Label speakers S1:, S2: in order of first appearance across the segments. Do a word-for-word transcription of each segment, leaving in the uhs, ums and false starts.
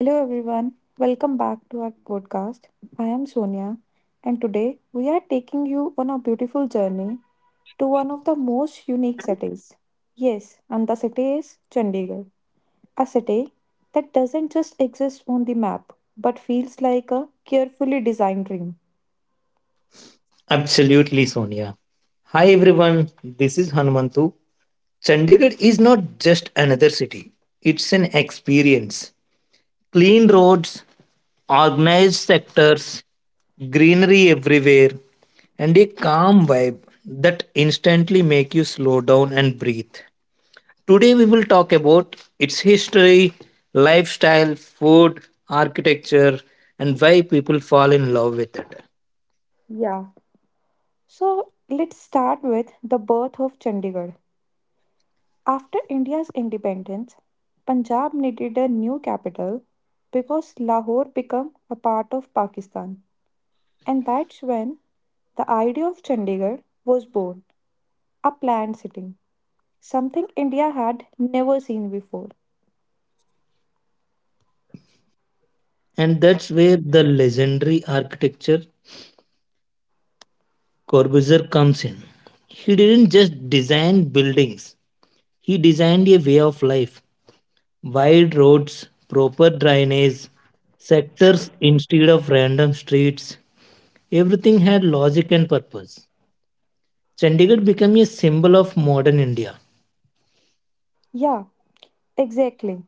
S1: Hello everyone, welcome back to our podcast. I am Sonia, and today we are taking you on a beautiful journey to one of the most unique cities. Yes, and the city is Chandigarh, a city that doesn't just exist on the map but feels like a carefully designed dream.
S2: Absolutely, Sonia. Hi everyone, this is Hanumantu. Chandigarh is not just another city, it's an experience. Clean roads, organized sectors, greenery everywhere, and a calm vibe that instantly make you slow down and breathe. Today we will talk about its history, lifestyle, food, architecture, and why people fall in love with it.
S1: Yeah, so let's start with the birth of Chandigarh. After India's independence, Punjab needed a new capital because Lahore became a part of Pakistan. And that's when the idea of Chandigarh was born a planned city, something India had never seen before.
S2: And that's where the legendary architecture Corbusier comes in. He didn't just design buildings, he designed a way of life. Wide roads, proper drainage, sectors instead of random streets. Everything had logic and purpose. Chandigarh became a symbol of modern India.
S1: Yeah, exactly.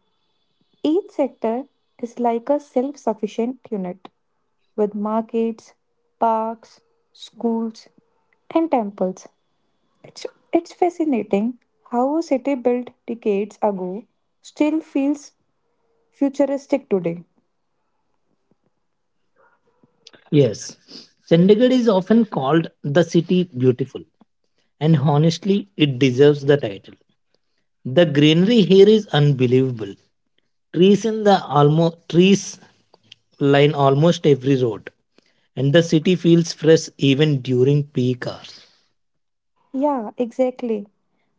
S1: Each sector is like a self sufficient unit with markets, parks, schools, and temples. It's, it's fascinating how a city built decades ago still feels futuristic today.
S2: Yes, Chandigarh is often called the city beautiful, and honestly, it deserves the title. The greenery here is unbelievable. Trees in the almost trees line almost every road, and the city feels fresh even during peak hours.
S1: Yeah, exactly.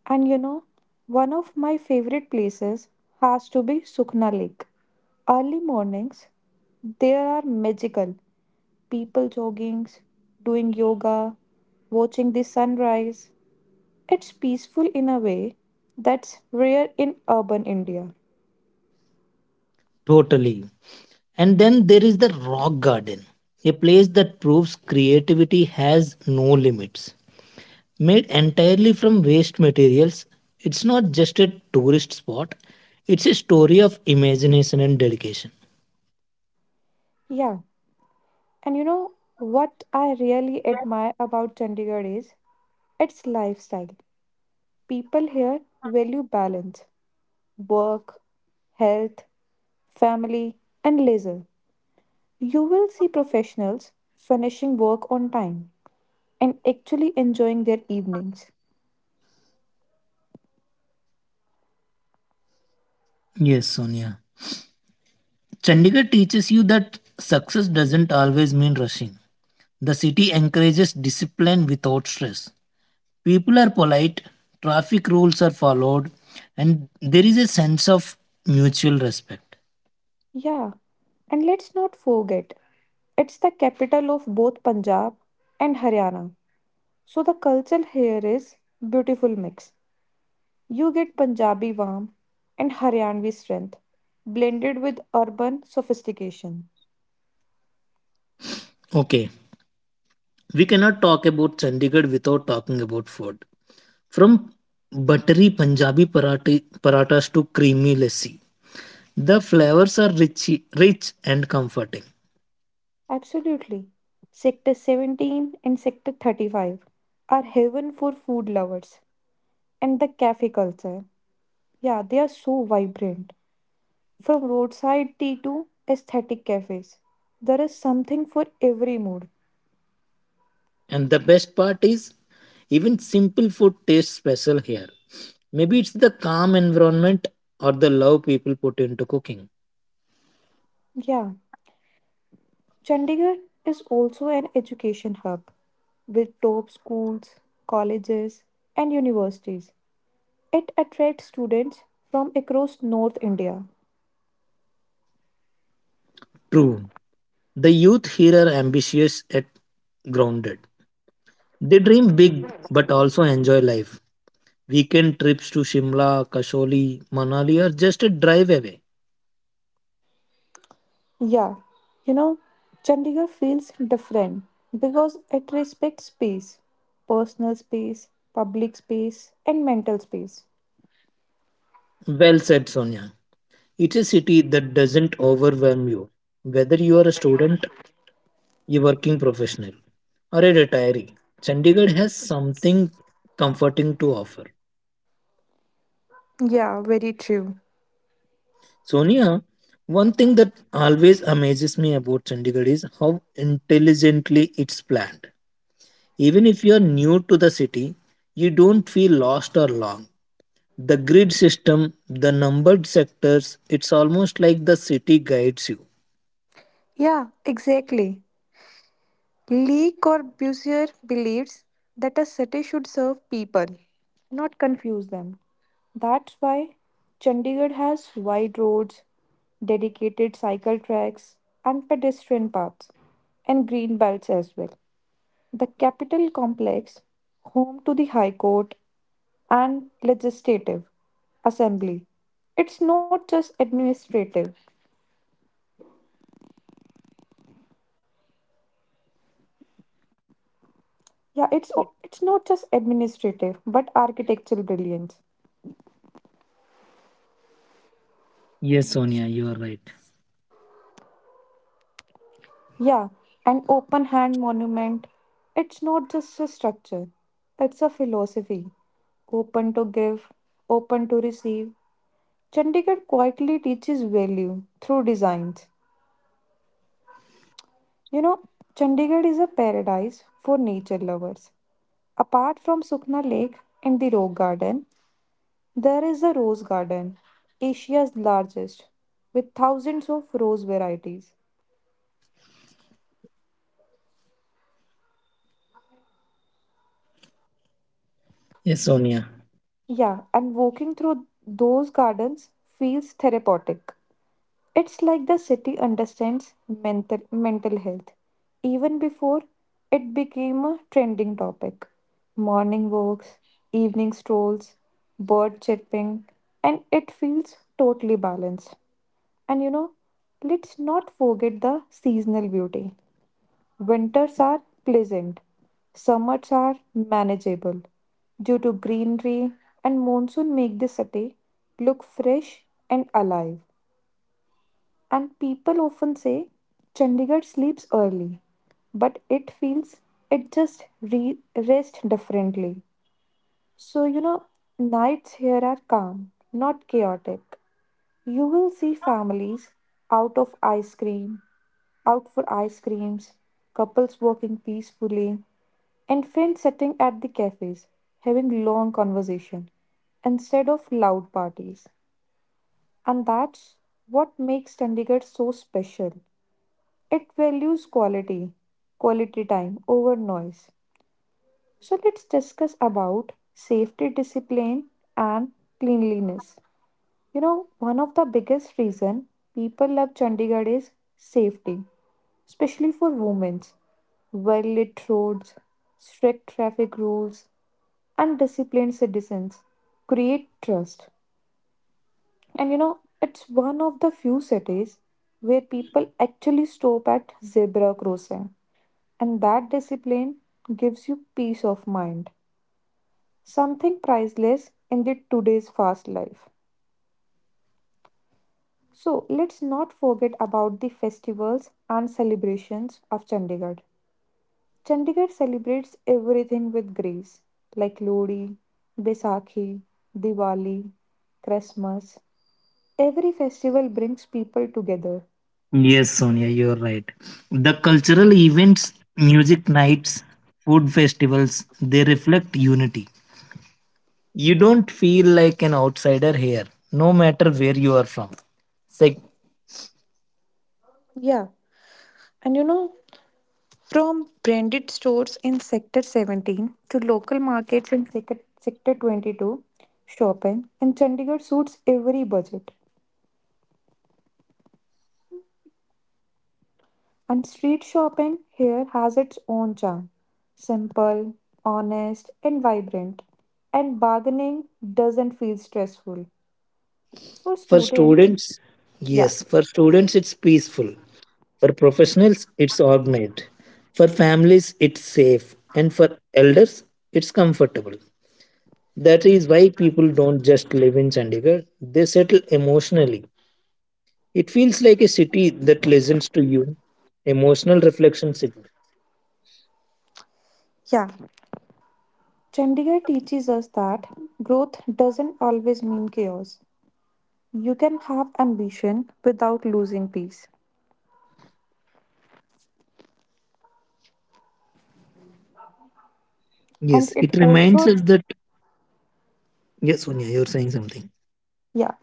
S1: And you know, one of my favorite places has to be Sukhna Lake. Early mornings, there are magical people jogging, doing yoga, watching the sunrise. It's peaceful in a way that's rare in urban India.
S2: Totally. And then there is the rock garden, a place that proves creativity has no limits. Made entirely from waste materials, it's not just a tourist spot, it's a story of imagination and dedication.
S1: Yeah. And you know what I really admire about Chandigarh is its lifestyle. People here value balance, work, health, family, and leisure. You will see professionals finishing work on time and actually enjoying their evenings.
S2: Yes, Sonia. Chandigarh teaches you that success doesn't always mean rushing. The city encourages discipline without stress. People are polite, traffic rules are followed, and there is a sense of mutual respect.
S1: Yeah, and let's not forget, it's the capital of both Punjab and Haryana. So the culture here is beautiful mix. You get Punjabi warmth and Haryanvi strength, blended with urban sophistication.
S2: Okay, we cannot talk about Chandigarh without talking about food. From buttery Punjabi parati, paratas to creamy lassi, the flavors are rich, rich and comforting.
S1: Absolutely. Sector seventeen and Sector thirty-five are heaven for food lovers and the cafe culture. Yeah, they are so vibrant. From roadside tea to aesthetic cafes, there is something for every mood.
S2: And the best part is, even simple food tastes special here. Maybe it's the calm environment or the love people put into cooking.
S1: Yeah, Chandigarh is also an education hub with top schools, colleges, and universities. It attracts students from across North India.
S2: True. The youth here are ambitious yet grounded. They dream big but also enjoy life. Weekend trips to Shimla, Kasholi, Manali are just a drive away.
S1: Yeah, you know, Chandigarh feels different because it respects space, personal space, public space, and mental space.
S2: Well said, Sonia. It's a city that doesn't overwhelm you. Whether you are a student, a working professional, or a retiree, Chandigarh has something comforting to offer.
S1: Yeah, very true.
S2: Sonia, one thing that always amazes me about Chandigarh is how intelligently it's planned. Even if you're new to the city, you don't feel lost or long. The grid system, the numbered sectors, it's almost like the city guides you.
S1: Yeah, exactly. Lee Corbusier believes that a city should serve people, not confuse them. That's why Chandigarh has wide roads, dedicated cycle tracks, and pedestrian paths, and green belts as well. The capital complex, home to the High Court and Legislative Assembly, it's not just administrative. Yeah, it's o- it's not just administrative, but architectural brilliance.
S2: Yes, Sonia, you are right.
S1: Yeah, an open hand monument. It's not just a structure, it's a philosophy. Open to give, open to receive. Chandigarh quietly teaches value through designs. You know, Chandigarh is a paradise for nature lovers. Apart from Sukhna Lake and the Rock Garden, there is the Rose Garden, Asia's largest, with thousands of rose varieties.
S2: Yes, Sonia.
S1: Yeah, and walking through those gardens feels therapeutic. It's like the city understands mental, mental health even before it became a trending topic. Morning walks, evening strolls, bird chirping, and it feels totally balanced. And you know, let's not forget the seasonal beauty. Winters are pleasant, summers are manageable due to greenery and monsoon make the city look fresh and alive. And people often say Chandigarh sleeps early, but it feels it just re- rests differently. So, you know, nights here are calm, not chaotic. You will see families out of ice cream, out for ice creams, couples walking peacefully, and friends sitting at the cafes, having long conversation instead of loud parties. And that's what makes Chandigarh so special. It values quality, quality time over noise. So let's discuss about safety discipline and cleanliness. You know, one of the biggest reason people love Chandigarh is safety, especially for women. Well-lit roads, strict traffic rules, and disciplined citizens create trust. And you know, it's one of the few cities where people actually stop at zebra crossing. And that discipline gives you peace of mind, something priceless in the today's fast life. So let's not forget about the festivals and celebrations of Chandigarh. Chandigarh celebrates everything with grace, like Lodi, Baisakhi, Diwali, Christmas. Every festival brings people together.
S2: Yes, Sonia, you're right. The cultural events, music nights, food festivals, they reflect unity. You don't feel like an outsider here, no matter where you are from. Sec-
S1: Yeah, and you know, From branded stores in Sector seventeen to local markets in Sector Sector twenty-two, shopping in Chandigarh suits every budget. And street shopping here has its own charm simple, honest, and vibrant. And bargaining doesn't feel stressful. For
S2: for
S1: students,
S2: students,
S1: yeah.
S2: yes, for students, it's peaceful. For professionals, it's organized. For families, it's safe. And for elders, it's comfortable. That is why people don't just live in Chandigarh, they settle emotionally. It feels like a city that listens to you. Emotional reflection signal.
S1: Yeah. Chandigarh teaches us that growth doesn't always mean chaos. You can have ambition without losing peace. And
S2: Yes,
S1: it
S2: it reminds
S1: also
S2: us that. Yes, Sonia, you're saying something.
S1: Yeah,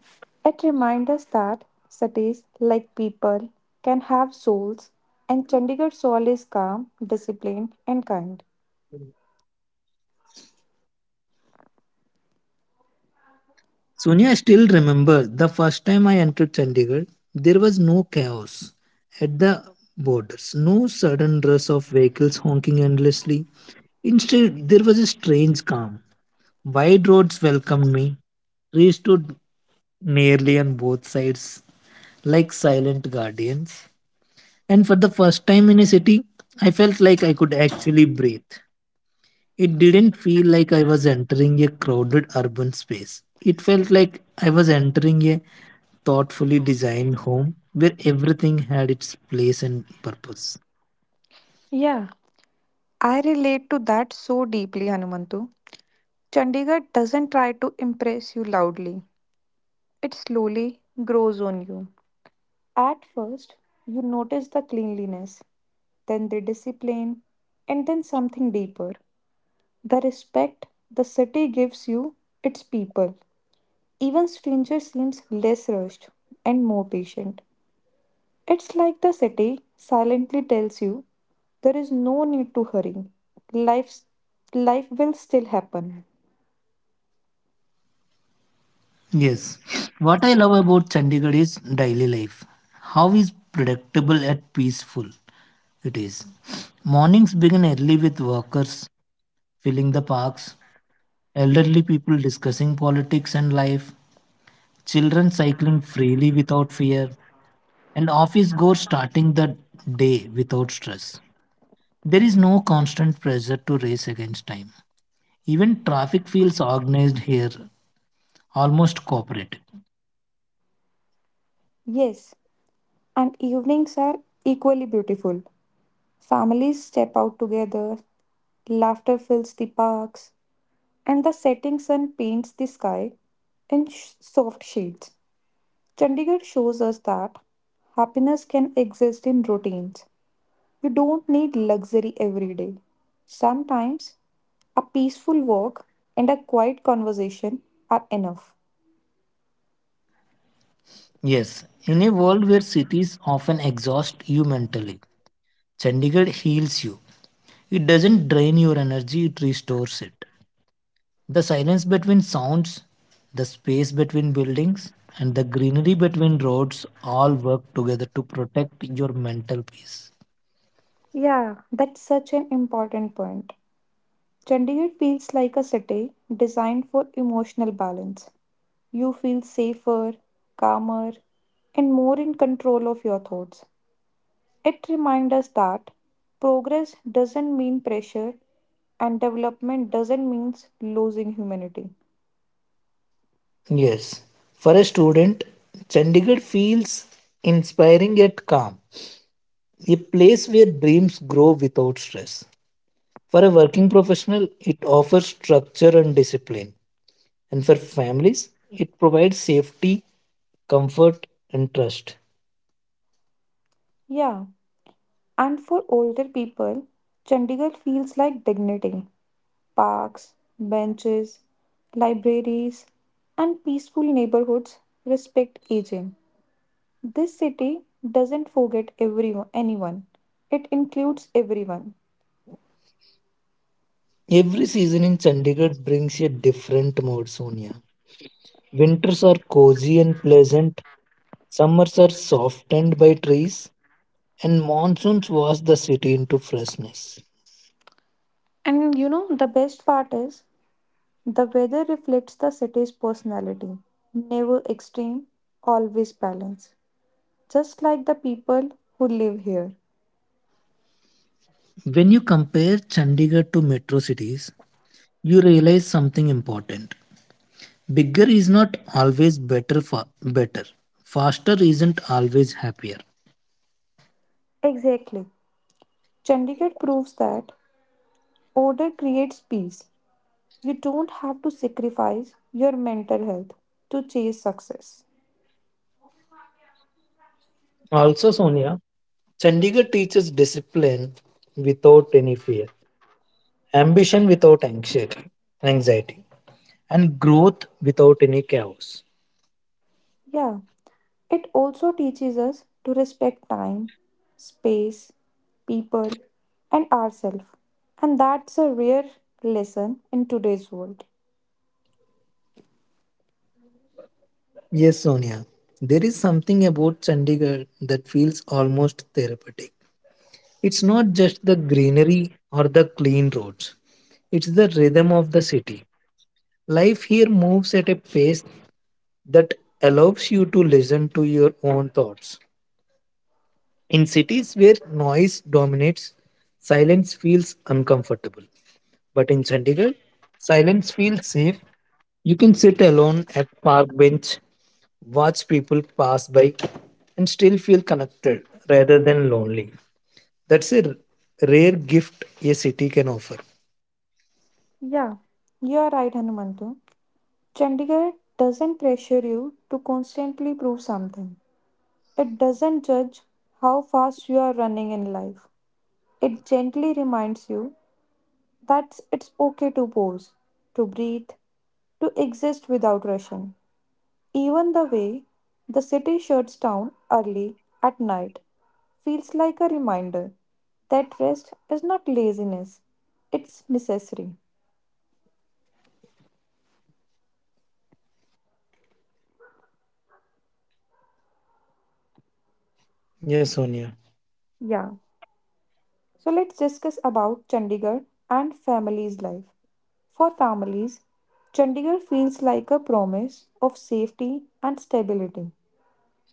S1: it reminds us that cities, like people, can have souls, and Chandigarh soul is calm, disciplined, and kind.
S2: Sonia, I still remember the first time I entered Chandigarh, there was no chaos at the borders, no sudden rush of vehicles honking endlessly. Instead, there was a strange calm. Wide roads welcomed me. Trees stood nearly on both sides, like silent guardians. And for the first time in a city, I felt like I could actually breathe. It didn't feel like I was entering a crowded urban space. It felt like I was entering a thoughtfully designed home where everything had its place and purpose.
S1: Yeah, I relate to that so deeply, Hanumantu. Chandigarh doesn't try to impress you loudly, it slowly grows on you. At first, you notice the cleanliness, then the discipline, and then something deeper the respect the city gives you its people. Even stranger seems less rushed and more patient. It's like the city silently tells you there is no need to hurry. Life's, Life will still happen.
S2: Yes. What I love about Chandigarh is daily life. How is predictable and peaceful it is. Mornings begin early with workers filling the parks, elderly people discussing politics and life, children cycling freely without fear, and office goers starting the day without stress. There is no constant pressure to race against time. Even traffic feels organized here, almost cooperative.
S1: Yes, and evenings are equally beautiful. Families step out together, laughter fills the parks, and the setting sun paints the sky in sh- soft shades. Chandigarh shows us that happiness can exist in routines. We don't need luxury every day. Sometimes a peaceful walk and a quiet conversation are enough.
S2: Yes, in a world where cities often exhaust you mentally, Chandigarh heals you. It doesn't drain your energy, it restores it. The silence between sounds, the space between buildings, and the greenery between roads all work together to protect your mental peace.
S1: Yeah, that's such an important point. Chandigarh feels like a city designed for emotional balance. You feel safer, calmer, and more in control of your thoughts. It reminds us that progress doesn't mean pressure and development doesn't mean losing humanity.
S2: Yes, for a student, Chandigarh feels inspiring yet calm, a place where dreams grow without stress. For a working professional, it offers structure and discipline, and for families, it provides safety, comfort, and trust.
S1: Yeah, and for older people, Chandigarh feels like dignity. Parks, benches, libraries, and peaceful neighborhoods respect aging. This city doesn't forget everyone, anyone. It includes everyone.
S2: Every season in Chandigarh brings a different mood, Sonia. Winters are cozy and pleasant, summers are softened by trees, and monsoons wash the city into freshness.
S1: And you know, the best part is the weather reflects the city's personality. Never extreme, always balanced. Just like the people who live here.
S2: When you compare Chandigarh to metro cities, you realize something important. Bigger is not always better fa- better. Faster isn't always happier.
S1: Exactly. Chandigarh proves that order creates peace. You don't have to sacrifice your mental health to chase success.
S2: Also, Sonia, Chandigarh teaches discipline without any fear, ambition without anxiety, anxiety, and growth without any chaos.
S1: Yeah, it also teaches us to respect time, space, people, and ourselves. And that's a rare lesson in today's world.
S2: Yes, Sonia. There is something about Chandigarh that feels almost therapeutic. It's not just the greenery or the clean roads, it's the rhythm of the city. Life here moves at a pace that allows you to listen to your own thoughts. In cities where noise dominates, silence feels uncomfortable. But in Chandigarh, silence feels safe. You can sit alone at park bench watch people pass by and still feel connected rather than lonely. That's a r- rare gift a city can offer.
S1: Yeah, you are right, Hanumantu. Chandigarh doesn't pressure you to constantly prove something. It doesn't judge how fast you are running in life. It gently reminds you that it's okay to pause, to breathe, to exist without rushing. Even the way the city shuts down early at night feels like a reminder that rest is not laziness, it's necessary.
S2: Yes, Sonia.
S1: Yeah. So let's discuss about Chandigarh and family's life. For families, Chandigarh feels like a promise of safety and stability.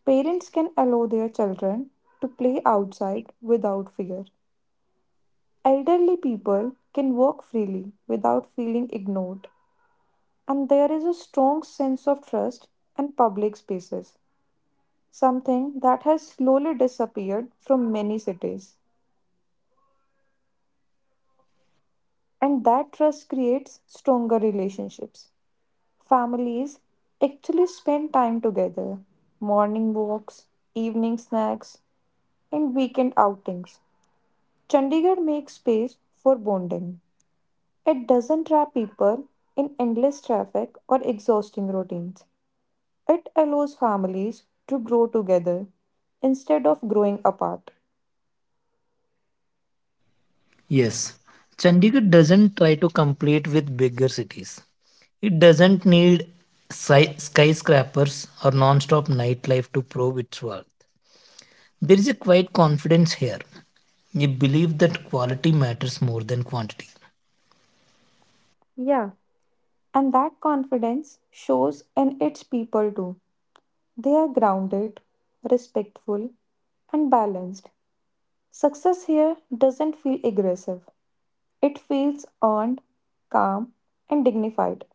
S1: Parents can allow their children to play outside without fear. Elderly people can walk freely without feeling ignored. And there is a strong sense of trust in public spaces, something that has slowly disappeared from many cities. And that trust creates stronger relationships. Families actually spend time together, morning walks, evening snacks, and weekend outings Chandigarh makes space for bonding. It doesn't trap people in endless traffic or exhausting routines. It allows families to grow together instead of growing apart.
S2: Yes. Chandigarh doesn't try to compete with bigger cities. It doesn't need sci- skyscrapers or non-stop nightlife to prove its worth. There is a quiet confidence here. You believe that quality matters more than quantity.
S1: Yeah. And that confidence shows in its people too. They are grounded, respectful, and balanced. Success here doesn't feel aggressive, it feels earned, calm, and dignified.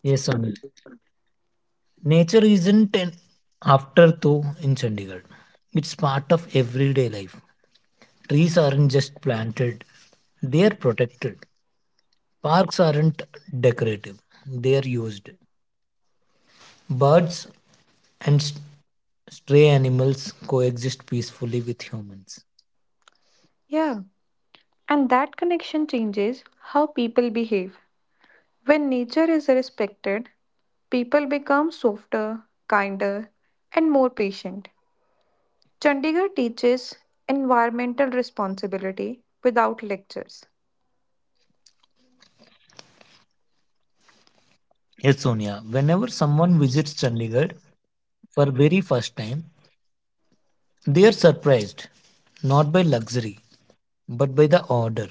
S2: Yes, Sonia. Nature isn't an afterthought in Chandigarh. It's part of everyday life. Trees aren't just planted, they are protected. Parks aren't decorative, they are used. Birds and s- stray animals coexist peacefully with humans.
S1: Yeah. And that connection changes how people behave. When nature is respected, people become softer, kinder, and more patient. Chandigarh teaches environmental responsibility without lectures.
S2: Yes, Sonia, whenever someone visits Chandigarh for very first time, they are surprised not by luxury but by the order.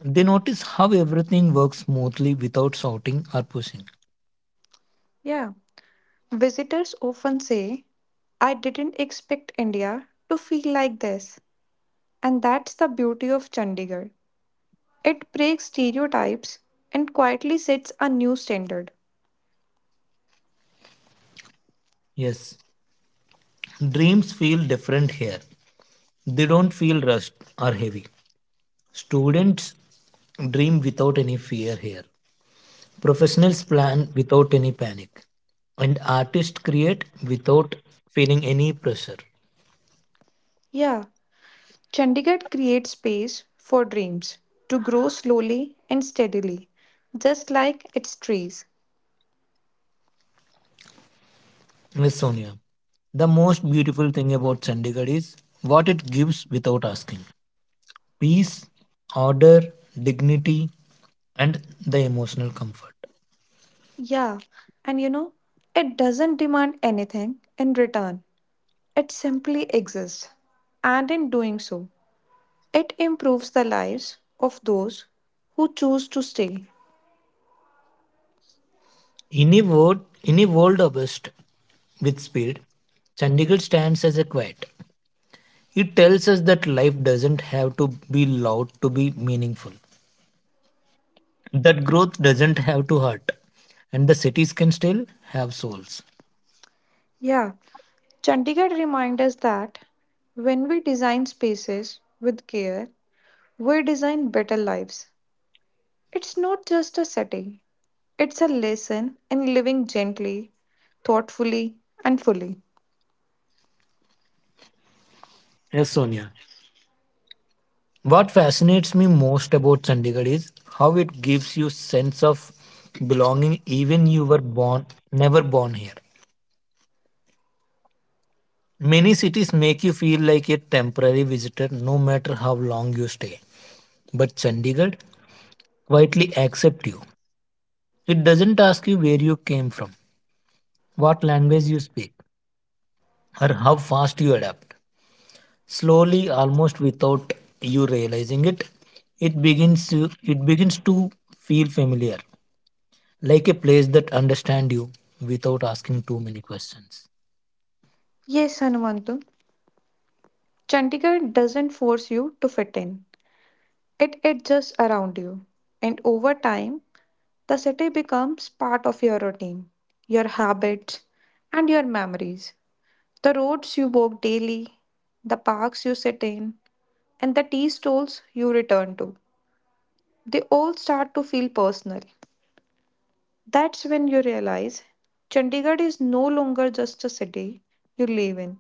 S2: They notice how everything works smoothly without shouting or pushing.
S1: Yeah. Visitors often say, I didn't expect India to feel like this. And that's the beauty of Chandigarh. It breaks stereotypes and quietly sets a new standard.
S2: Yes, dreams feel different here. They don't feel rushed or heavy. Students dream without any fear here. Professionals plan without any panic. And artists create without feeling any pressure.
S1: Yeah. Chandigarh creates space for dreams to grow slowly and steadily, just like its trees.
S2: Yes, Sonia. The most beautiful thing about Chandigarh is what it gives without asking peace, order, dignity, and the emotional comfort.
S1: Yeah, and you know, it doesn't demand anything in return, it simply exists. And in doing so, it improves the lives of those who choose to stay.
S2: In a world, in a world obsessed with speed, Chandigarh stands as a quiet. It tells us that life doesn't have to be loud to be meaningful, that growth doesn't have to hurt, and the cities can still have souls.
S1: Yeah, Chandigarh reminds us that when we design spaces with care, we design better lives. It's not just a setting, it's a lesson in living gently, thoughtfully, and fully.
S2: Yes, Sonia. What fascinates me most about Chandigarh is how it gives you sense of belonging even you were born never born here. Many cities make you feel like a temporary visitor no matter how long you stay. But Chandigarh quietly accepts you. It doesn't ask you where you came from, what language you speak, or how fast you adapt. Slowly, almost without you realizing it, it begins to, it begins to feel familiar, like a place that understands you without asking too many questions.
S1: Yes, Hanumantu, Chandigarh doesn't force you to fit in, it adjusts around you. And over time, the city becomes part of your routine, your habits, and your memories. The roads you walk daily, the parks you sit in, and the tea stalls you return to, they all start to feel personal. That's when you realize Chandigarh is no longer just a city you live in,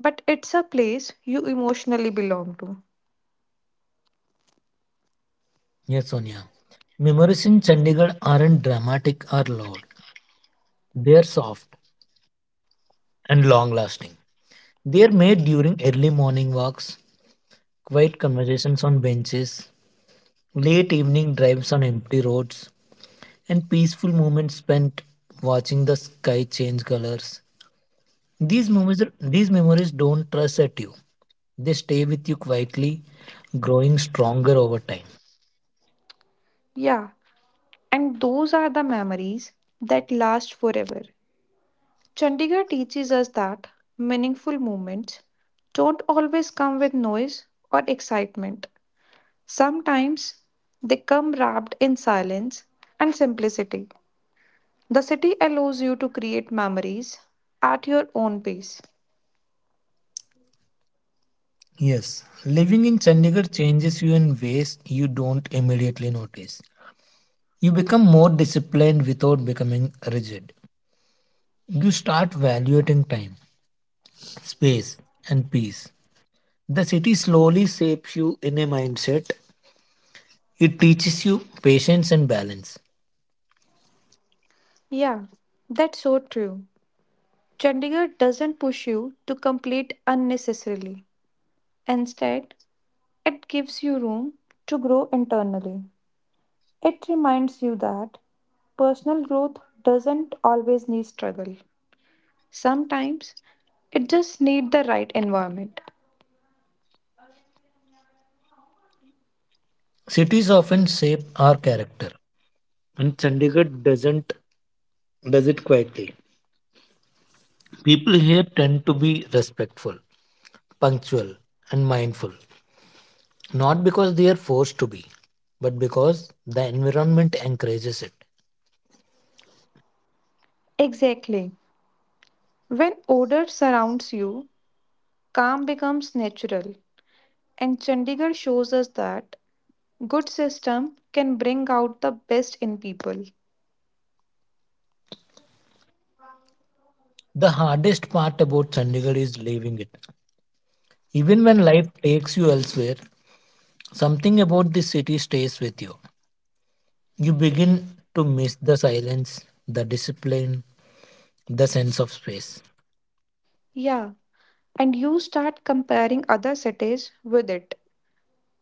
S1: but it's a place you emotionally belong to.
S2: Yes, Sonia. Memories in Chandigarh aren't dramatic or loud. They are soft and long lasting. They are made during early morning walks, quiet conversations on benches, late evening drives on empty roads, and peaceful moments spent watching the sky change colors. These memories, these memories don't rush at you. They stay with you quietly, growing stronger over time.
S1: Yeah, and those are the memories that last forever. Chandigarh teaches us that meaningful moments don't always come with noise or excitement. Sometimes they come wrapped in silence and simplicity. The city allows you to create memories at your own pace.
S2: Yes, living in Chandigarh changes you in ways you don't immediately notice. You become more disciplined without becoming rigid. You start valuing time, space, and peace. The city slowly shapes you in a mindset. It teaches you patience and balance.
S1: Yeah, that's so true. Chandigarh doesn't push you to complete unnecessarily. Instead, it gives you room to grow internally. It reminds you that personal growth doesn't always need struggle. Sometimes it just needs the right environment.
S2: Cities often shape our character, and Chandigarh doesn't does it quietly. People here tend to be respectful, punctual, and mindful, not because they are forced to be, but because the environment encourages it.
S1: Exactly. When order surrounds you, calm becomes natural. And Chandigarh shows us that good system can bring out the best in people.
S2: The hardest part about Chandigarh is leaving it. Even when life takes you elsewhere, something about this city stays with you. You begin to miss the silence, the discipline, the sense of space.
S1: Yeah, and you start comparing other cities with it,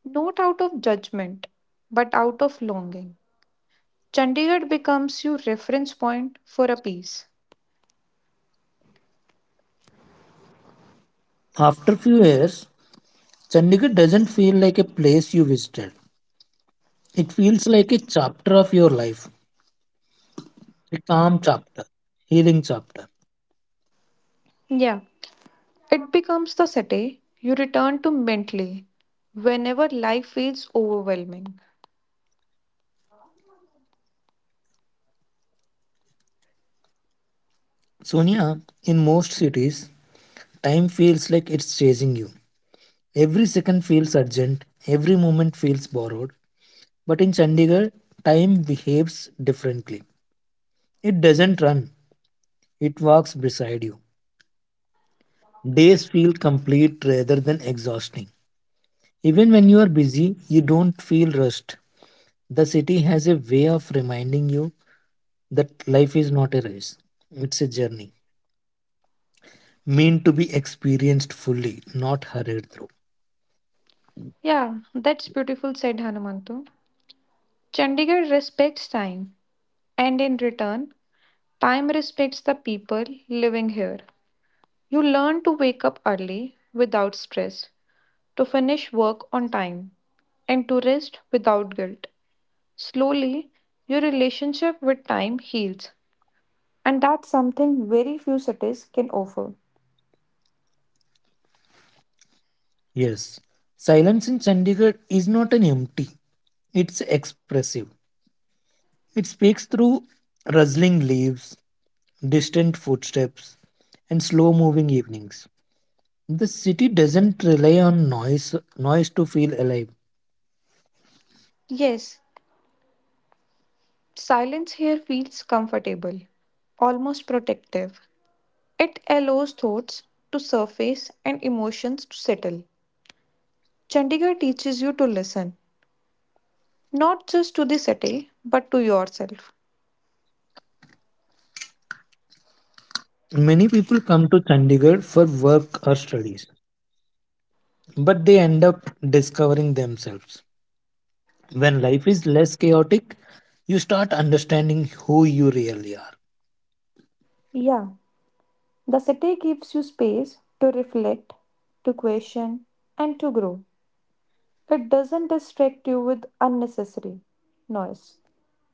S1: not out of judgment, but out of longing. Chandigarh becomes your reference point for a piece.
S2: After few years, Chandigarh doesn't feel like a place you visited. It feels like a chapter of your life, a calm chapter, healing chapter.
S1: Yeah, it becomes the city you return to mentally whenever life feels overwhelming.
S2: Sonia, in most cities, time feels like it's chasing you. Every second feels urgent, every moment feels borrowed. But in Chandigarh, time behaves differently. It doesn't run, it walks beside you. Days feel complete rather than exhausting. Even when you are busy, you don't feel rushed. The city has a way of reminding you that life is not a race, it's a journey meant to be experienced fully, not hurried through.
S1: Yeah, that's beautiful, said Hanumantu. Chandigarh respects time, and in return, time respects the people living here. You learn to wake up early without stress. To finish work on time, and to rest without guilt. Slowly, your relationship with time heals, and that's something very few cities can offer.
S2: Yes, silence in Chandigarh is not an empty, it's expressive. It speaks through rustling leaves, distant footsteps, and slow moving evenings. The city doesn't rely on noise noise to feel alive.
S1: Yes, silence here feels comfortable, almost protective. It allows thoughts to surface and emotions to settle. Chandigarh teaches you to listen, not just to the city, but to yourself.
S2: Many people come to Chandigarh for work or studies, but they end up discovering themselves. When life is less chaotic, you start understanding who you really are.
S1: Yeah, the city gives you space to reflect, to question, and to grow. It doesn't distract you with unnecessary noise.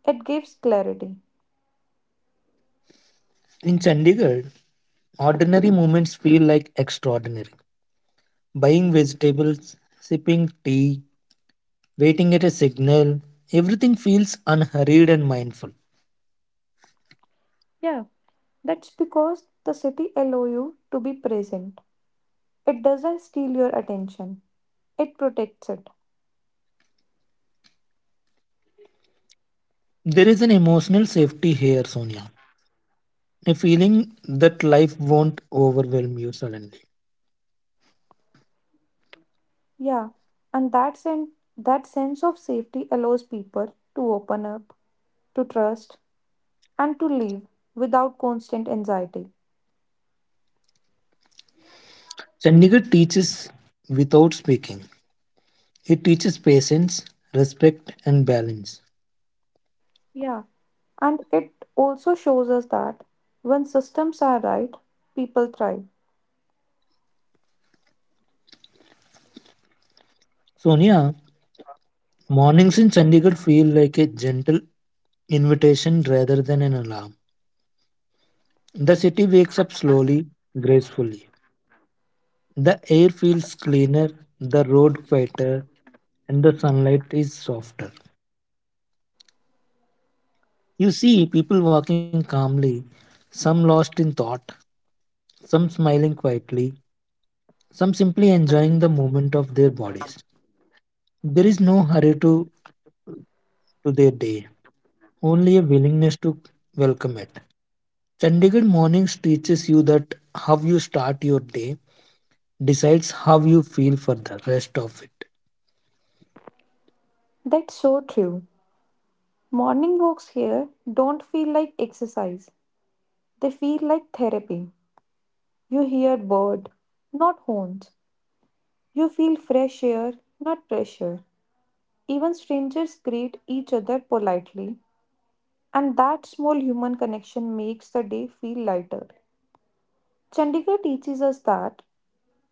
S1: It gives clarity.
S2: In Chandigarh, ordinary moments feel like extraordinary. Buying vegetables, sipping tea, waiting at a signal, everything feels unhurried and mindful.
S1: Yeah, that's because the city allow you to be present. It doesn't steal your attention. It protects it.
S2: There is an emotional safety here, Sonia. A feeling that life won't overwhelm you suddenly.
S1: Yeah, and that sen- that sense of safety allows people to open up, to trust, and to live without constant anxiety.
S2: Chandigarh teaches without speaking. It teaches patience, respect, and balance.
S1: Yeah, and it also shows us that when systems are right, people thrive.
S2: Sonia, mornings in Chandigarh feel like a gentle invitation rather than an alarm. The city wakes up slowly, gracefully. The air feels cleaner, the road quieter, and the sunlight is softer. You see people walking calmly, some lost in thought, some smiling quietly, some simply enjoying the movement of their bodies. There is no hurry to, to their day, only a willingness to welcome it. Chandigarh Mornings teaches you that how you start your day decides how you feel for the rest of it.
S1: That's so true. Morning walks here don't feel like exercise, they feel like therapy. You hear bird, not horns. You feel fresh air, not pressure. Even strangers greet each other politely, and that small human connection makes the day feel lighter. Chandigarh teaches us that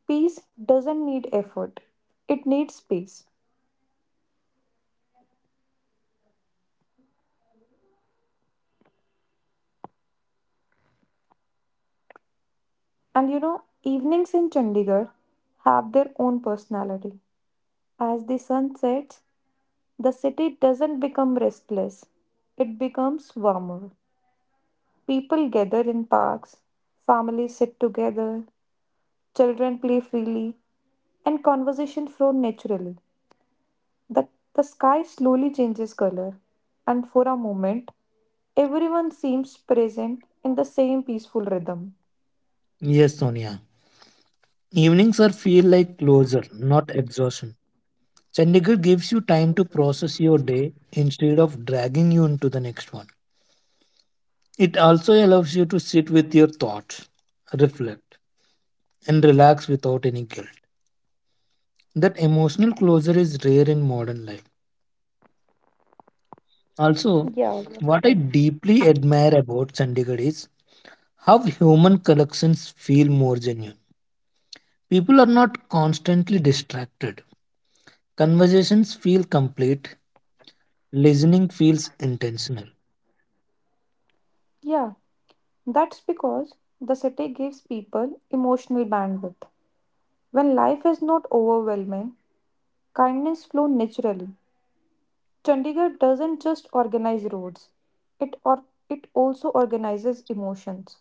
S1: peace doesn't need effort, it needs space. And you know, evenings in Chandigarh have their own personality. As the sun sets, the city doesn't become restless, it becomes warmer. People gather in parks, families sit together, children play freely, and conversation flow naturally. The, the sky slowly changes color, and for a moment, everyone seems present in the same peaceful rhythm.
S2: Yes, Sonia. Evenings are feel like closure, not exhaustion. Chandigarh gives you time to process your day instead of dragging you into the next one. It also allows you to sit with your thoughts, reflect, and relax without any guilt. That emotional closure is rare in modern life. Also,
S1: Yeah, well
S2: what I
S1: said.
S2: deeply admire about Chandigarh is how human collections feel more genuine. People are not constantly distracted. Conversations feel complete. Listening feels intentional.
S1: Yeah, that's because the city gives people emotional bandwidth. When life is not overwhelming, kindness flows naturally. Chandigarh doesn't just organize roads, it, or, it also organizes emotions.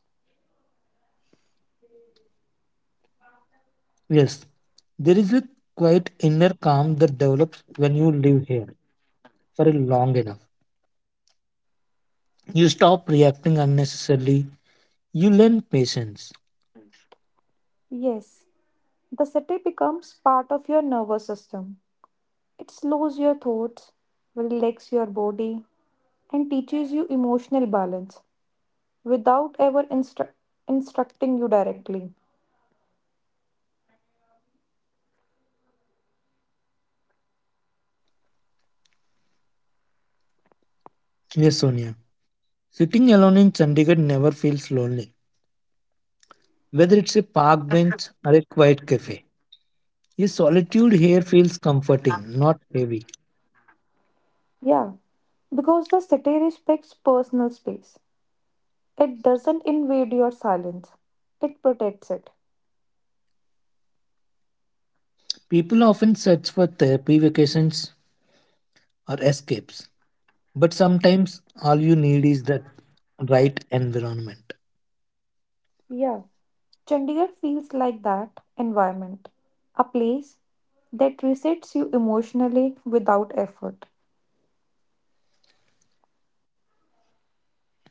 S2: Yes, there is a quiet inner calm that develops when you live here for a long enough. You stop reacting unnecessarily. You learn patience.
S1: Yes, the city becomes part of your nervous system. It slows your thoughts, relaxes your body, and teaches you emotional balance without ever instru- instructing you directly.
S2: Yes, Sonia. Sitting alone in Chandigarh never feels lonely, whether it's a park bench or a quiet cafe. Your solitude here feels comforting, not heavy.
S1: Yeah, because the city respects personal space. It doesn't invade your silence, it protects it.
S2: People often search for therapy vacations or escapes, but sometimes all you need is the right environment.
S1: Yeah. Chandigarh feels like that environment, a place that resets you emotionally without effort.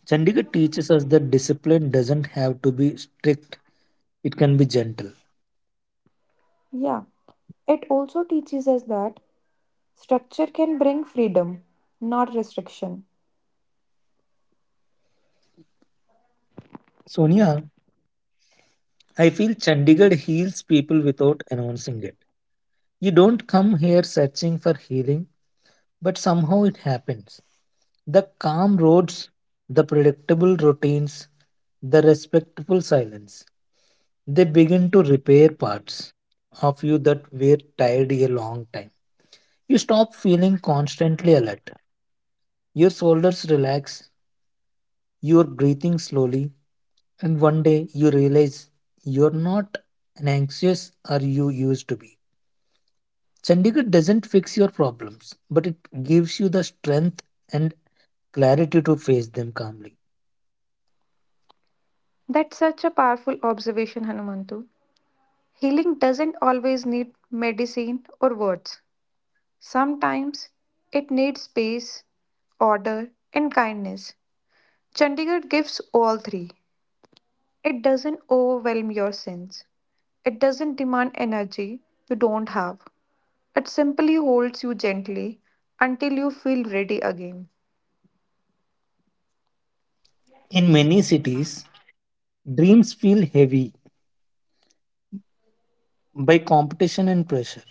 S2: Chandigarh teaches us that discipline doesn't have to be strict, it can be gentle.
S1: Yeah, it also teaches us that structure can bring freedom, not restriction.
S2: Sonia, I feel Chandigarh heals people without announcing it. You don't come here searching for healing, but somehow it happens. The calm roads, the predictable routines, the respectful silence. They begin to repair parts of you that were tired a long time. You stop feeling constantly alert. Your shoulders relax, you are breathing slowly, and one day you realize you're not an anxious or you used to be. Chandigarh doesn't fix your problems, but it gives you the strength and clarity to face them calmly.
S1: That's such a powerful observation, Hanumantu. Healing doesn't always need medicine or words. Sometimes it needs space, order, and kindness. Chandigarh gives all three. It doesn't overwhelm your sense. It doesn't demand energy you don't have. It simply holds you gently until you feel ready again.
S2: In many cities, dreams feel heavy by competition and pressure.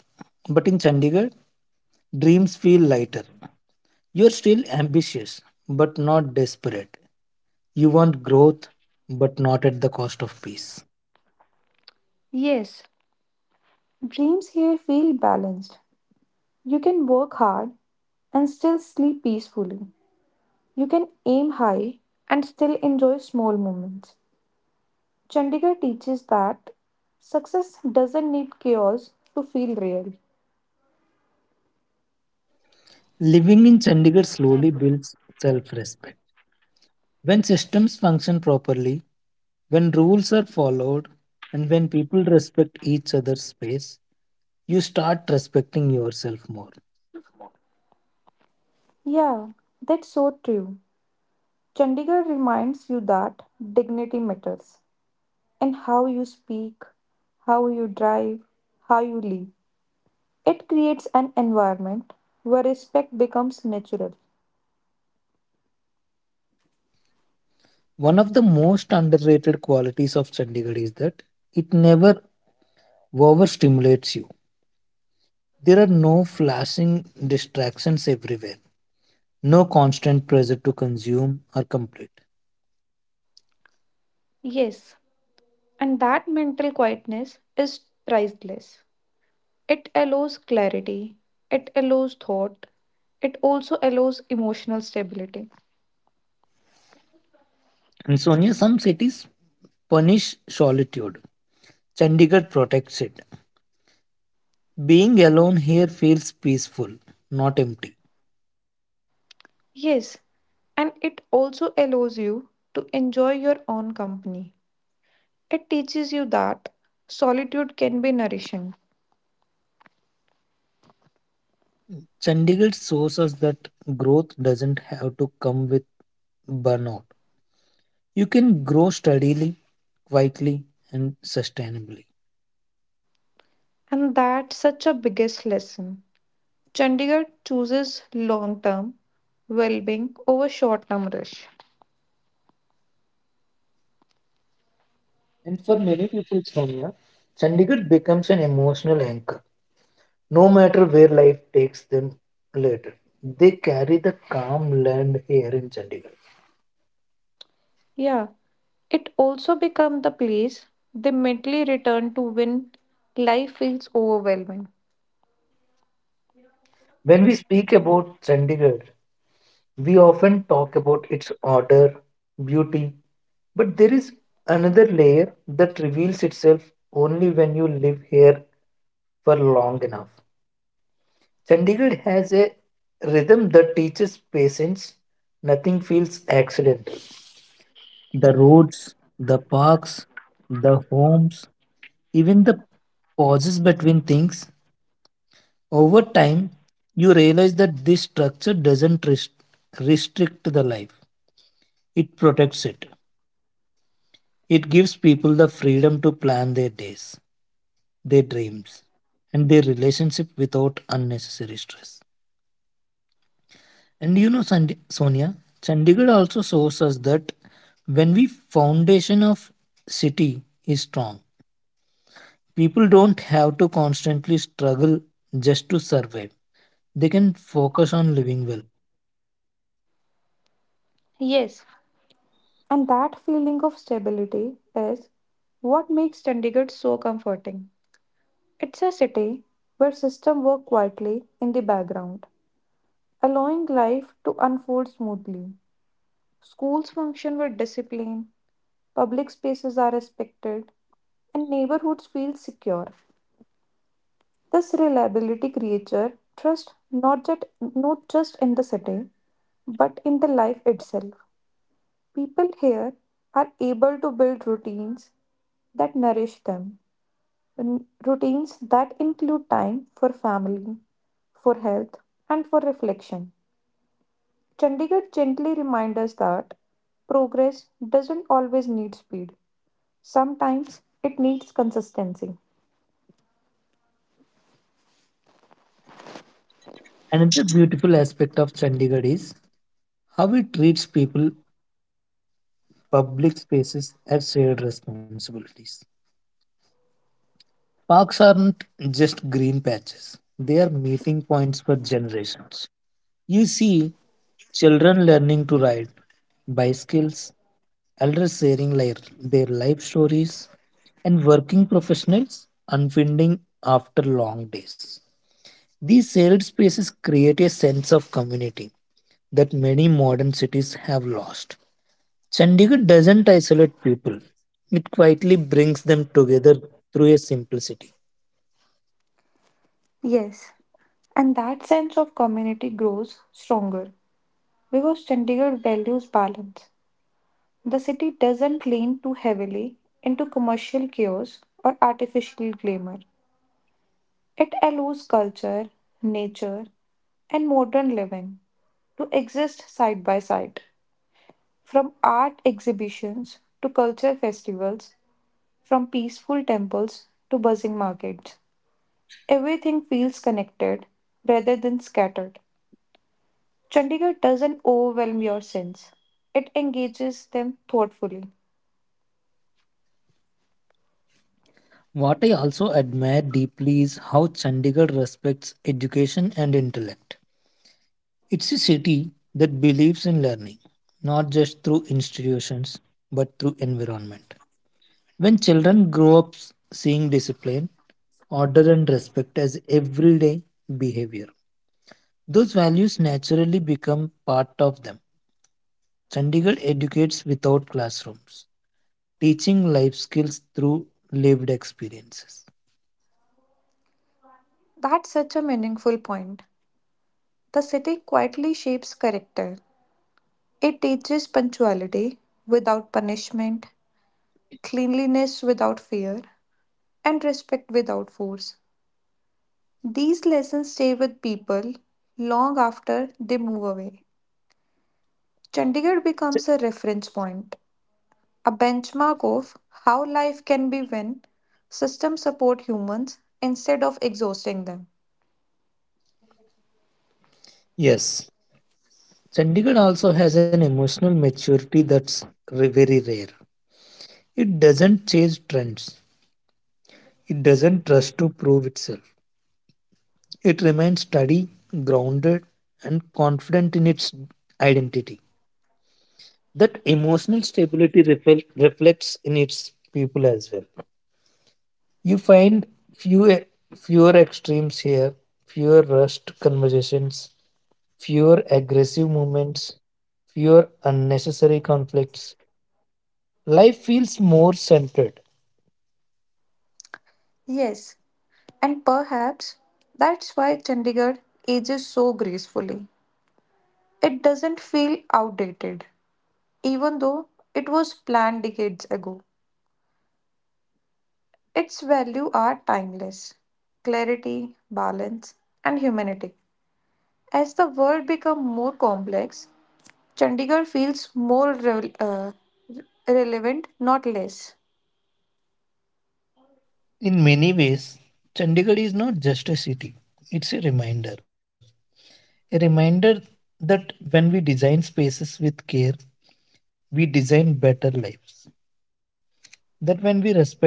S2: But in Chandigarh, dreams feel lighter. You're still ambitious, but not desperate. You want growth, but not at the cost of peace.
S1: Yes, dreams here feel balanced. You can work hard and still sleep peacefully. You can aim high and still enjoy small moments. Chandigarh teaches that success doesn't need chaos to feel real.
S2: Living in Chandigarh slowly builds self respect. When systems function properly, when rules are followed, and when people respect each other's space, you start respecting yourself more.
S1: Yeah, that's so true. Chandigarh reminds you that dignity matters and how you speak, how you drive, how you live. It creates an environment where respect becomes natural.
S2: One of the most underrated qualities of Chandigarh is that it never overstimulates you. There are no flashing distractions everywhere, no constant pressure to consume or complete.
S1: Yes, and that mental quietness is priceless. It allows clarity, it allows thought, it also allows emotional stability.
S2: And Sonia, some cities punish solitude. Chandigarh protects it. Being alone here feels peaceful, not empty.
S1: Yes, and it also allows you to enjoy your own company. It teaches you that solitude can be nourishing,
S2: Chandigarh shows us that growth doesn't have to come with burnout. You can grow steadily, quietly, and sustainably.
S1: and that's such a biggest lesson. Chandigarh chooses long term well being over short term rush.
S2: And for many people, Sonia, Chandigarh becomes an emotional anchor. No matter where life takes them later, they carry the calm land here in Chandigarh.
S1: Yeah, it also becomes the place they mentally return to when life feels overwhelming.
S2: When we speak about Chandigarh, we often talk about its order, beauty, but there is another layer that reveals itself only when you live here for long enough. Chandigarh has a rhythm that teaches patience. Nothing feels accidental. The roads, the parks, the homes, even the pauses between things. Over time, you realize that this structure doesn't rest- restrict the life, it protects it. It gives people the freedom to plan their days, their dreams, and their relationship without unnecessary stress. And you know, Sandi- Sonia, Chandigarh also shows us that when we foundation of city is strong, people don't have to constantly struggle just to survive. They can focus on living well.
S1: Yes, and that feeling of stability is what makes Chandigarh so comforting. It's a city where systems work quietly in the background allowing life to unfold smoothly. Schools function with discipline, public spaces are respected, and neighborhoods feel secure. This reliability creates trust not just, not just in the city, but in the life itself. People here are able to build routines that nourish them, and routines that include time for family, for health, and for reflection. Chandigarh gently reminds us that progress doesn't always need speed, sometimes it needs consistency.
S2: Another beautiful aspect of Chandigarh is how it treats people, public spaces as shared responsibilities. Parks aren't just green patches; they are meeting points for generations. You see children learning to ride bicycles, elders sharing li- their life stories, and working professionals unwinding after long days. These shared spaces create a sense of community that many modern cities have lost. Chandigarh doesn't isolate people, it quietly brings them together through a simplicity.
S1: Yes, and that sense of community grows stronger because Chandigarh values balance. The city doesn't lean too heavily into commercial chaos or artificial glamour. It allows culture, nature, and modern living to exist side by side. From art exhibitions to culture festivals, from peaceful temples to buzzing markets, everything feels connected rather than scattered. Chandigarh doesn't overwhelm your sense, it engages them thoughtfully.
S2: What I also admire deeply is how Chandigarh respects education and intellect. It's a city that believes in learning, not just through institutions, but through environment. When children grow up s- seeing discipline, order, and respect as everyday behavior, those values naturally become part of them. Chandigarh educates without classrooms, teaching life skills through lived experiences.
S1: That's such a meaningful point. The city quietly shapes character. It teaches punctuality without punishment, cleanliness without fear, and respect without force. These lessons stay with people long after they move away. Chandigarh
S2: Ch-
S1: becomes a reference point, a benchmark of how life can be when systems support humans instead of exhausting them.
S2: Yes, Chandigarh also has an emotional maturity that's r- very rare. It doesn't chase trends, it doesn't rush to prove itself. It remains steady, grounded, and confident in its identity. That emotional stability refle- reflects in its people as well. You find few, fewer extremes here, fewer rushed conversations, fewer aggressive movements, fewer unnecessary conflicts. Life feels more centered.
S1: Yes, and perhaps that's why Chandigarh ages so gracefully. It doesn't feel outdated, even though it was planned decades ago. Its values are timeless clarity, balance, and humanity. As the world becomes more complex, Chandigarh feels more rel- uh, relevant, not less.
S2: In many ways, Chandigarh is not just a city, it's a reminder. A reminder that when we design spaces with care, we design better lives. That when we respect time,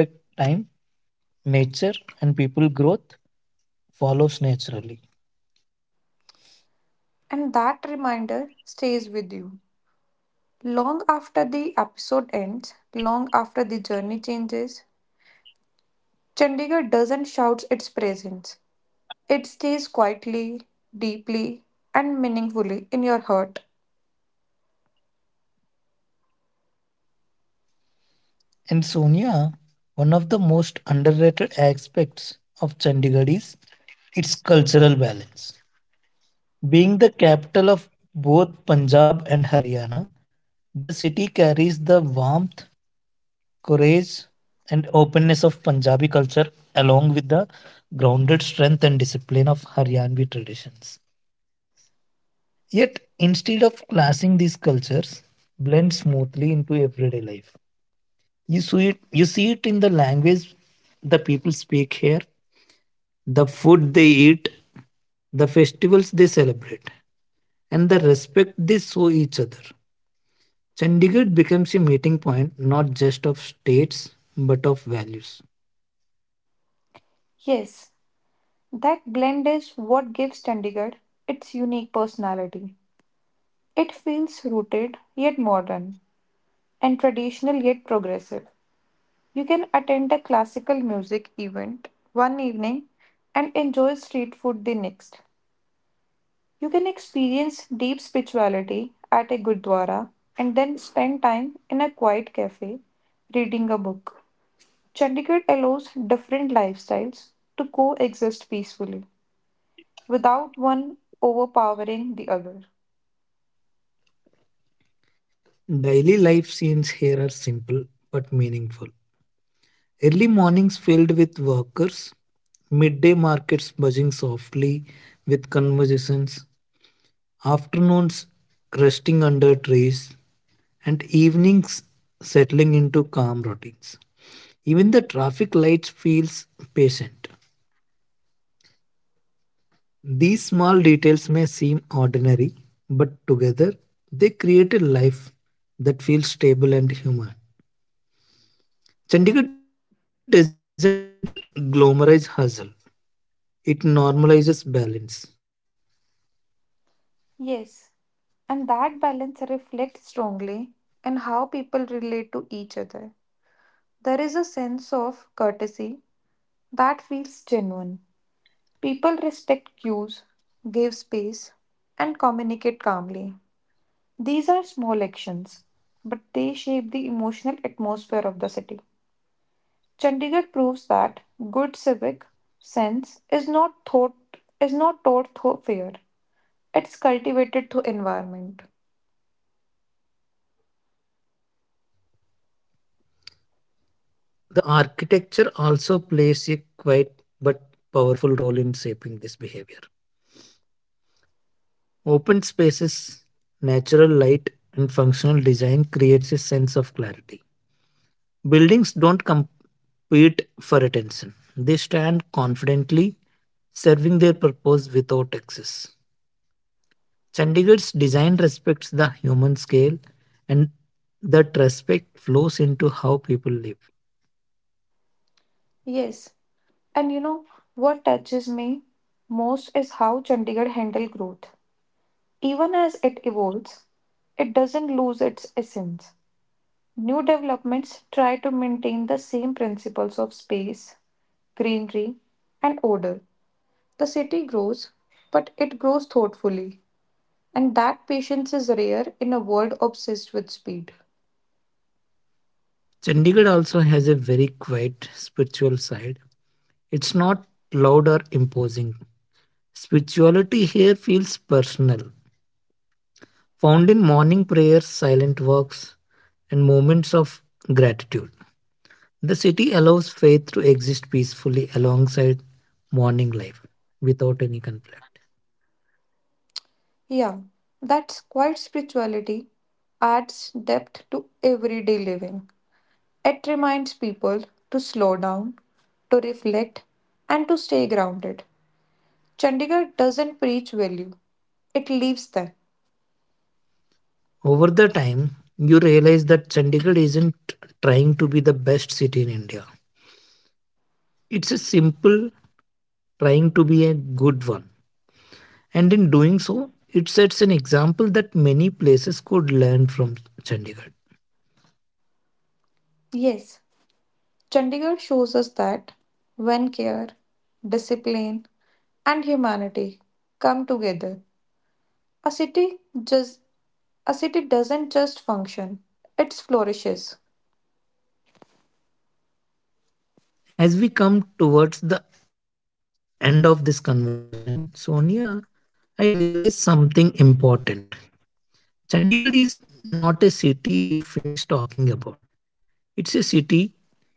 S2: nature, and people, growth follows naturally.
S1: And that reminder stays with you. Long after the episode ends, long after the journey changes, Chandigarh doesn't shout its presence. It stays quietly, deeply, and meaningfully in your heart.
S2: And Sonia, one of the most underrated aspects of Chandigarh is its cultural balance. Being the capital of both Punjab and Haryana, the city carries the warmth courage and openness of Punjabi culture, along with the grounded strength and discipline of Haryanvi traditions. Yet, instead of clashing these cultures, blend smoothly into everyday life. You see it, you see it in the language the people speak here, the food they eat, the festivals they celebrate, and the respect they show each other. Chandigarh becomes a meeting point not just of states but of values.
S1: Yes, that blend is what gives Chandigarh its unique personality. It feels rooted yet modern, and traditional yet progressive. You can attend a classical music event one evening and enjoy street food the next. You can experience deep spirituality at a gurdwara and then spend time in a quiet cafe reading a book. Chandigarh allows different lifestyles to coexist peacefully without one overpowering the other.
S2: Daily life scenes here are simple but meaningful. Early mornings filled with workers, midday markets buzzing softly with conversations, afternoons resting under trees, and evenings settling into calm routines. Even the traffic lights feels patient. These small details may seem ordinary, but together they create a life that feels stable and human. Chandigarh doesn't glamorize hustle, it normalizes balance.
S1: Yes, and that balance reflects strongly in how people relate to each other. There is a sense of courtesy that feels genuine. People respect cues, give space, and communicate calmly. These are small actions, but they shape the emotional atmosphere of the city. Chandigarh proves that good civic sense is not thought is not taught through fear. It's cultivated through environment.
S2: The architecture also plays a quiet but powerful role in shaping this behavior. Open spaces, natural light, and functional design creates a sense of clarity. Buildings don't compete for attention. They stand confidently, serving their purpose without excess. Chandigarh's design respects the human scale and that respect flows into how people live.
S1: Yes, and you know what touches me most is how Chandigarh handle growth. Even as it evolves, it doesn't lose its essence. New developments try to maintain the same principles of space, greenery, and order. The city grows, but it grows thoughtfully, and that patience is rare in a world obsessed with speed.
S2: Chandigarh also has a very quiet spiritual side. It's not loud or imposing. Spirituality here feels personal, found in morning prayers, silent walks, and moments of gratitude. The city allows faith to exist peacefully alongside morning life without any conflict.
S1: Yeah, that's quite spirituality adds depth to everyday living. It reminds people to slow down, to reflect, and to stay grounded. Chandigarh doesn't preach value, it leaves them.
S2: Over the time, you realize that Chandigarh isn't trying to be the best city in India. It's a simple trying to be a good one. And in doing so, it sets an example that many places could learn from Chandigarh.
S1: Yes, Chandigarh shows us that when care, discipline, and humanity come together, a city just a city doesn't just function, it flourishes.
S2: As we come towards the end of this conversation, Sonia, I realized something important. Chandigarh is not a city you finish talking about. It's a city you slowly falls silent with.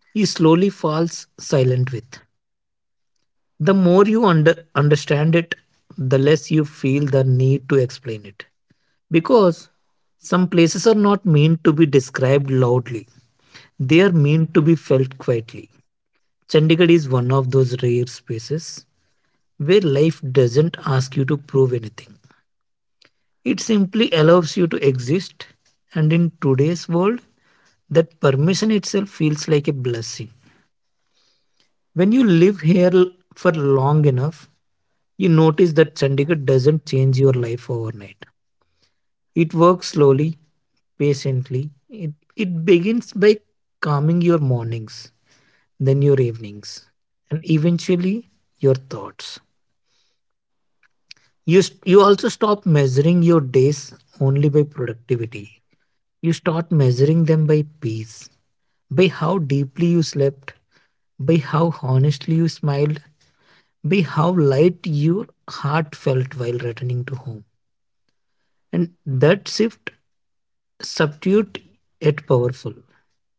S2: The more you under, understand it, the less you feel the need to explain it. Because some places are not meant to be described loudly, they are meant to be felt quietly. Chandigarh is one of those rare spaces where life doesn't ask you to prove anything. It simply allows you to exist, and in today's world, that permission itself feels like a blessing. When you live here l- for long enough, you notice that Chandigarh doesn't change your life overnight. It works slowly, patiently. It, it begins by calming your mornings, then your evenings, and eventually your thoughts. You, s- you also stop measuring your days only by productivity. You start measuring them by peace, by how deeply you slept, by how honestly you smiled, by how light your heart felt while returning to home. And that shift, substitute yet powerful,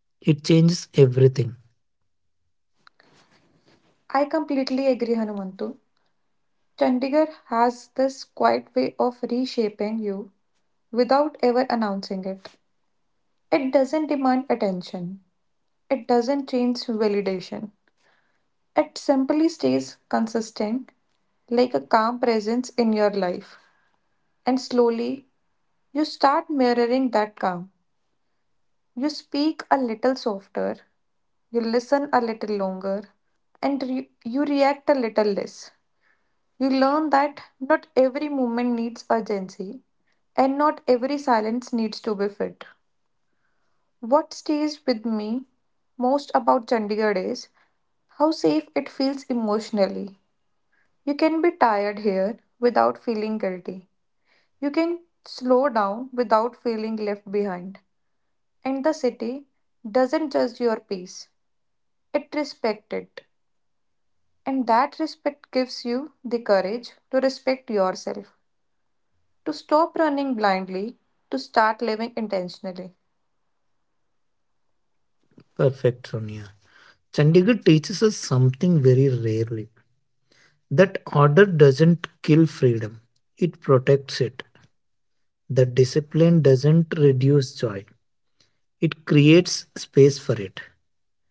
S2: it changes everything.
S1: I completely agree, Hanumantu. Chandigarh has this quiet way of reshaping you without ever announcing it. It doesn't demand attention, it doesn't change validation. It simply stays consistent, like a calm presence in your life. And slowly, you start mirroring that calm. You speak a little softer, you listen a little longer, and re- you react a little less. You learn that not every movement needs urgency, and not every silence needs to be fit. What stays with me most about Chandigarh is how safe it feels emotionally. You can be tired here without feeling guilty. You can slow down without feeling left behind. And the city doesn't judge your peace, it respects it. And that respect gives you the courage to respect yourself. To stop running blindly, to start living intentionally.
S2: Perfect, Sonia. Chandigarh teaches us something very rarely that order doesn't kill freedom, it protects it. That discipline doesn't reduce joy, it creates space for it.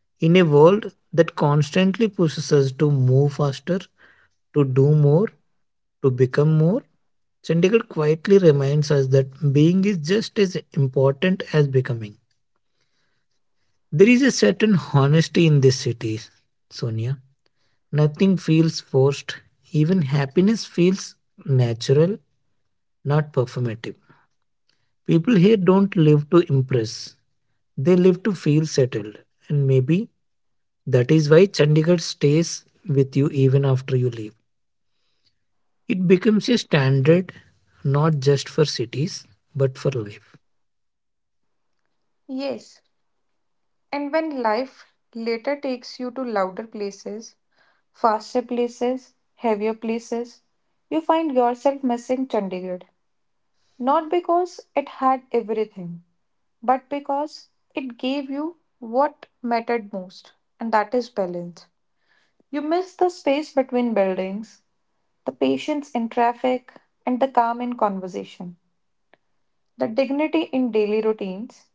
S2: In a world that constantly pushes us to move faster, to do more, to become more, Chandigarh quietly reminds us that being is just as important as becoming. There is a certain honesty in these cities, Sonia. Nothing feels forced. Even happiness feels natural, not performative. People here don't live to impress, they live to feel settled. And maybe that is why Chandigarh stays with you even after you leave. It becomes a standard not just for cities, but for life.
S1: Yes, and when life later takes you to louder places, faster places, heavier places, you find yourself missing Chandigarh. Not because it had everything, but because it gave you what mattered most, and that is balance. You miss the space between buildings, the patience in traffic, and the calm in conversation, the dignity in daily routines,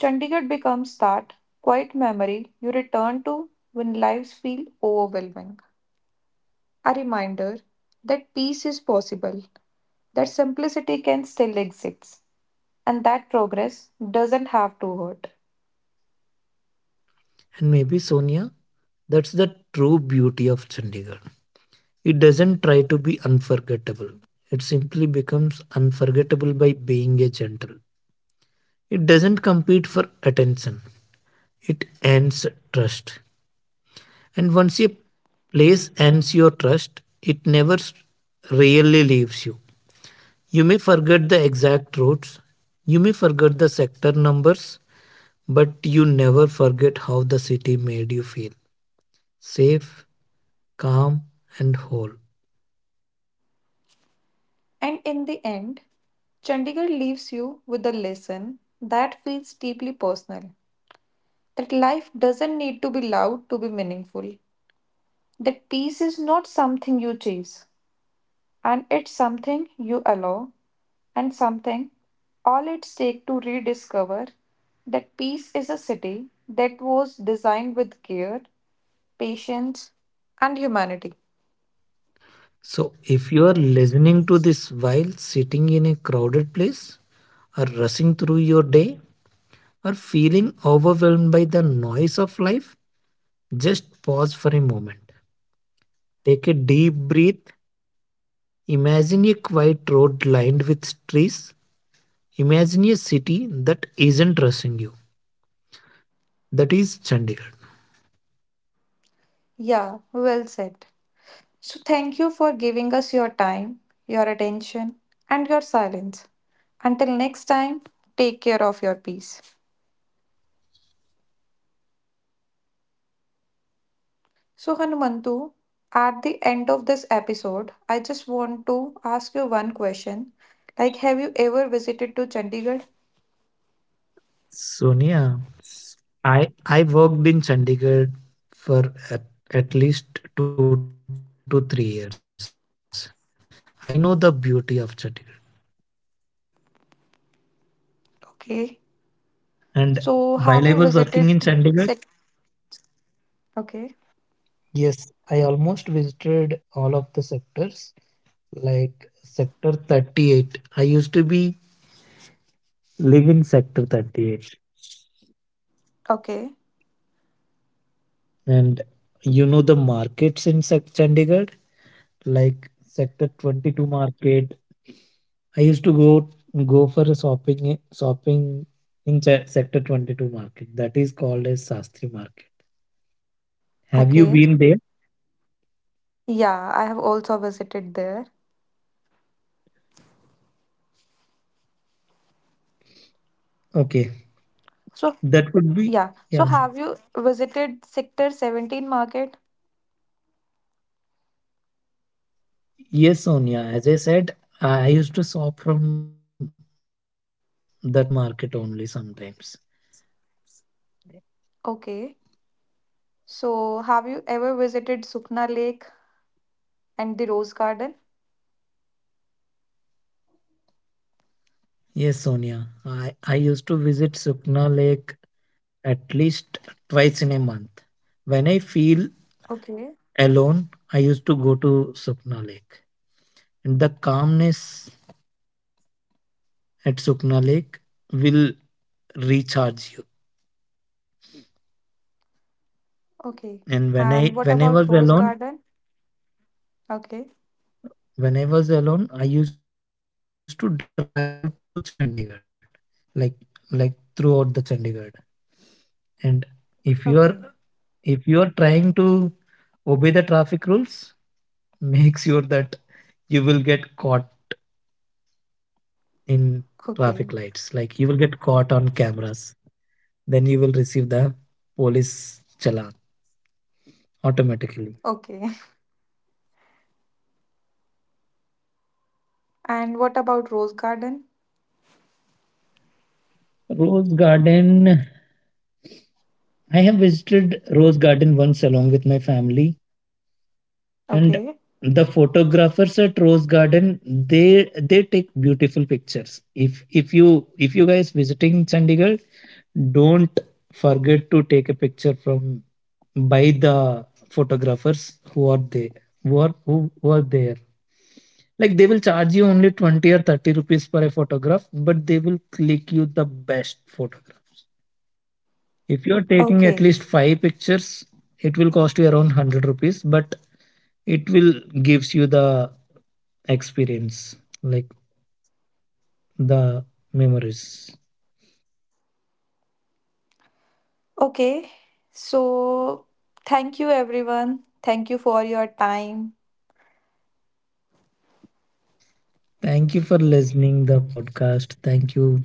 S1: Chandigarh becomes that quiet memory you return to when lives feel overwhelming. A reminder that peace is possible, that simplicity can still exist, and that progress doesn't have to hurt.
S2: And maybe, Sonia, that's the true beauty of Chandigarh. It doesn't try to be unforgettable. It simply becomes unforgettable by being a gentle. It doesn't compete for attention. It earns trust. And once a place earns your trust, it never s- really leaves you. You may forget the exact routes, you may forget the sector numbers, but you never forget how the city made you feel safe, calm, and whole.
S1: And in the end, Chandigarh leaves you with a lesson that feels deeply personal that life doesn't need to be loud to be meaningful, that peace is not something you chase, and it's something you allow and something all it's take to rediscover that peace is a city that was designed with care, patience, and humanity.
S2: So, if you are listening to this while sitting in a crowded place, or rushing through your day, or feeling overwhelmed by the noise of life, just pause for a moment. Take a deep breath. Imagine a quiet road lined with trees. Imagine a city that isn't rushing you. That is Chandigarh.
S1: Yeah, well said. So, thank you for giving us your time, your attention, and your silence. Until next time, take care of your peace. So, Hanumantu, at the end of this episode, I just want to ask you one question. Like, have you ever visited to Chandigarh?
S2: Sonia, I, I worked in Chandigarh for at, at least two to three years. I know the beauty of Chandigarh.
S1: Okay. So,
S2: And
S1: have you
S2: while I
S1: visited
S2: was working in
S1: Sec?
S2: Chandigarh,
S1: Okay,
S2: yes, I almost visited all of the sectors, like sector thirty-eight. I used to be live in sector thirty-eight.
S1: okay,
S2: And you know the markets in sec- Chandigarh, like sector twenty-two market. I used to go go for a shopping shopping in Ch- sector twenty-two market. That is called as Sastri market.
S1: okay.
S2: Have you been there?
S1: Yeah, I have also visited there. So,
S2: Okay,
S1: yeah. So, have you
S2: that would be
S1: visited
S2: yeah.
S1: Sector seventeen market?
S2: Yes, Sonia. As I said, I used to shop from that market only sometimes.
S1: Okay. So, have you ever visited Sukna Lake and the Rose Garden?
S2: Yes, Sonia. I, I used to visit Sukna Lake at least twice in a month. When I
S1: Okay,
S2: feel alone, I used to go to Sukna Lake. And the calmness at Sukna Lake will recharge you.
S1: okay. And what about Rose
S2: And when
S1: Garden?
S2: I when I was alone,
S1: Okay,
S2: When I was alone, I used to drive to Chandigarh, like like throughout the Chandigarh. And if you
S1: okay,
S2: are if you are trying to obey the traffic rules, make sure that you will get caught in
S1: okay,
S2: traffic lights. Like you will get caught on cameras. Then you will receive the police challan
S1: okay.
S2: automatically.
S1: And what about Rose Garden?
S2: Rose Garden. I have visited Rose Garden once along with my family.
S1: Okay,
S2: And the photographers at Rose Garden, they they take beautiful pictures. If if you if you guys visiting Chandigarh, don't forget to take a picture from by the photographers who are there who are who, who are there. Like they will charge you only twenty or thirty rupees for a photograph, but they will click you the best photograph.
S1: okay.
S2: If you're taking at least five pictures, it will cost you around one hundred rupees, but it will gives you the experience, like the memories.
S1: Okay, so thank you everyone. Thank you for your time.
S2: Thank you for listening the podcast. Thank you.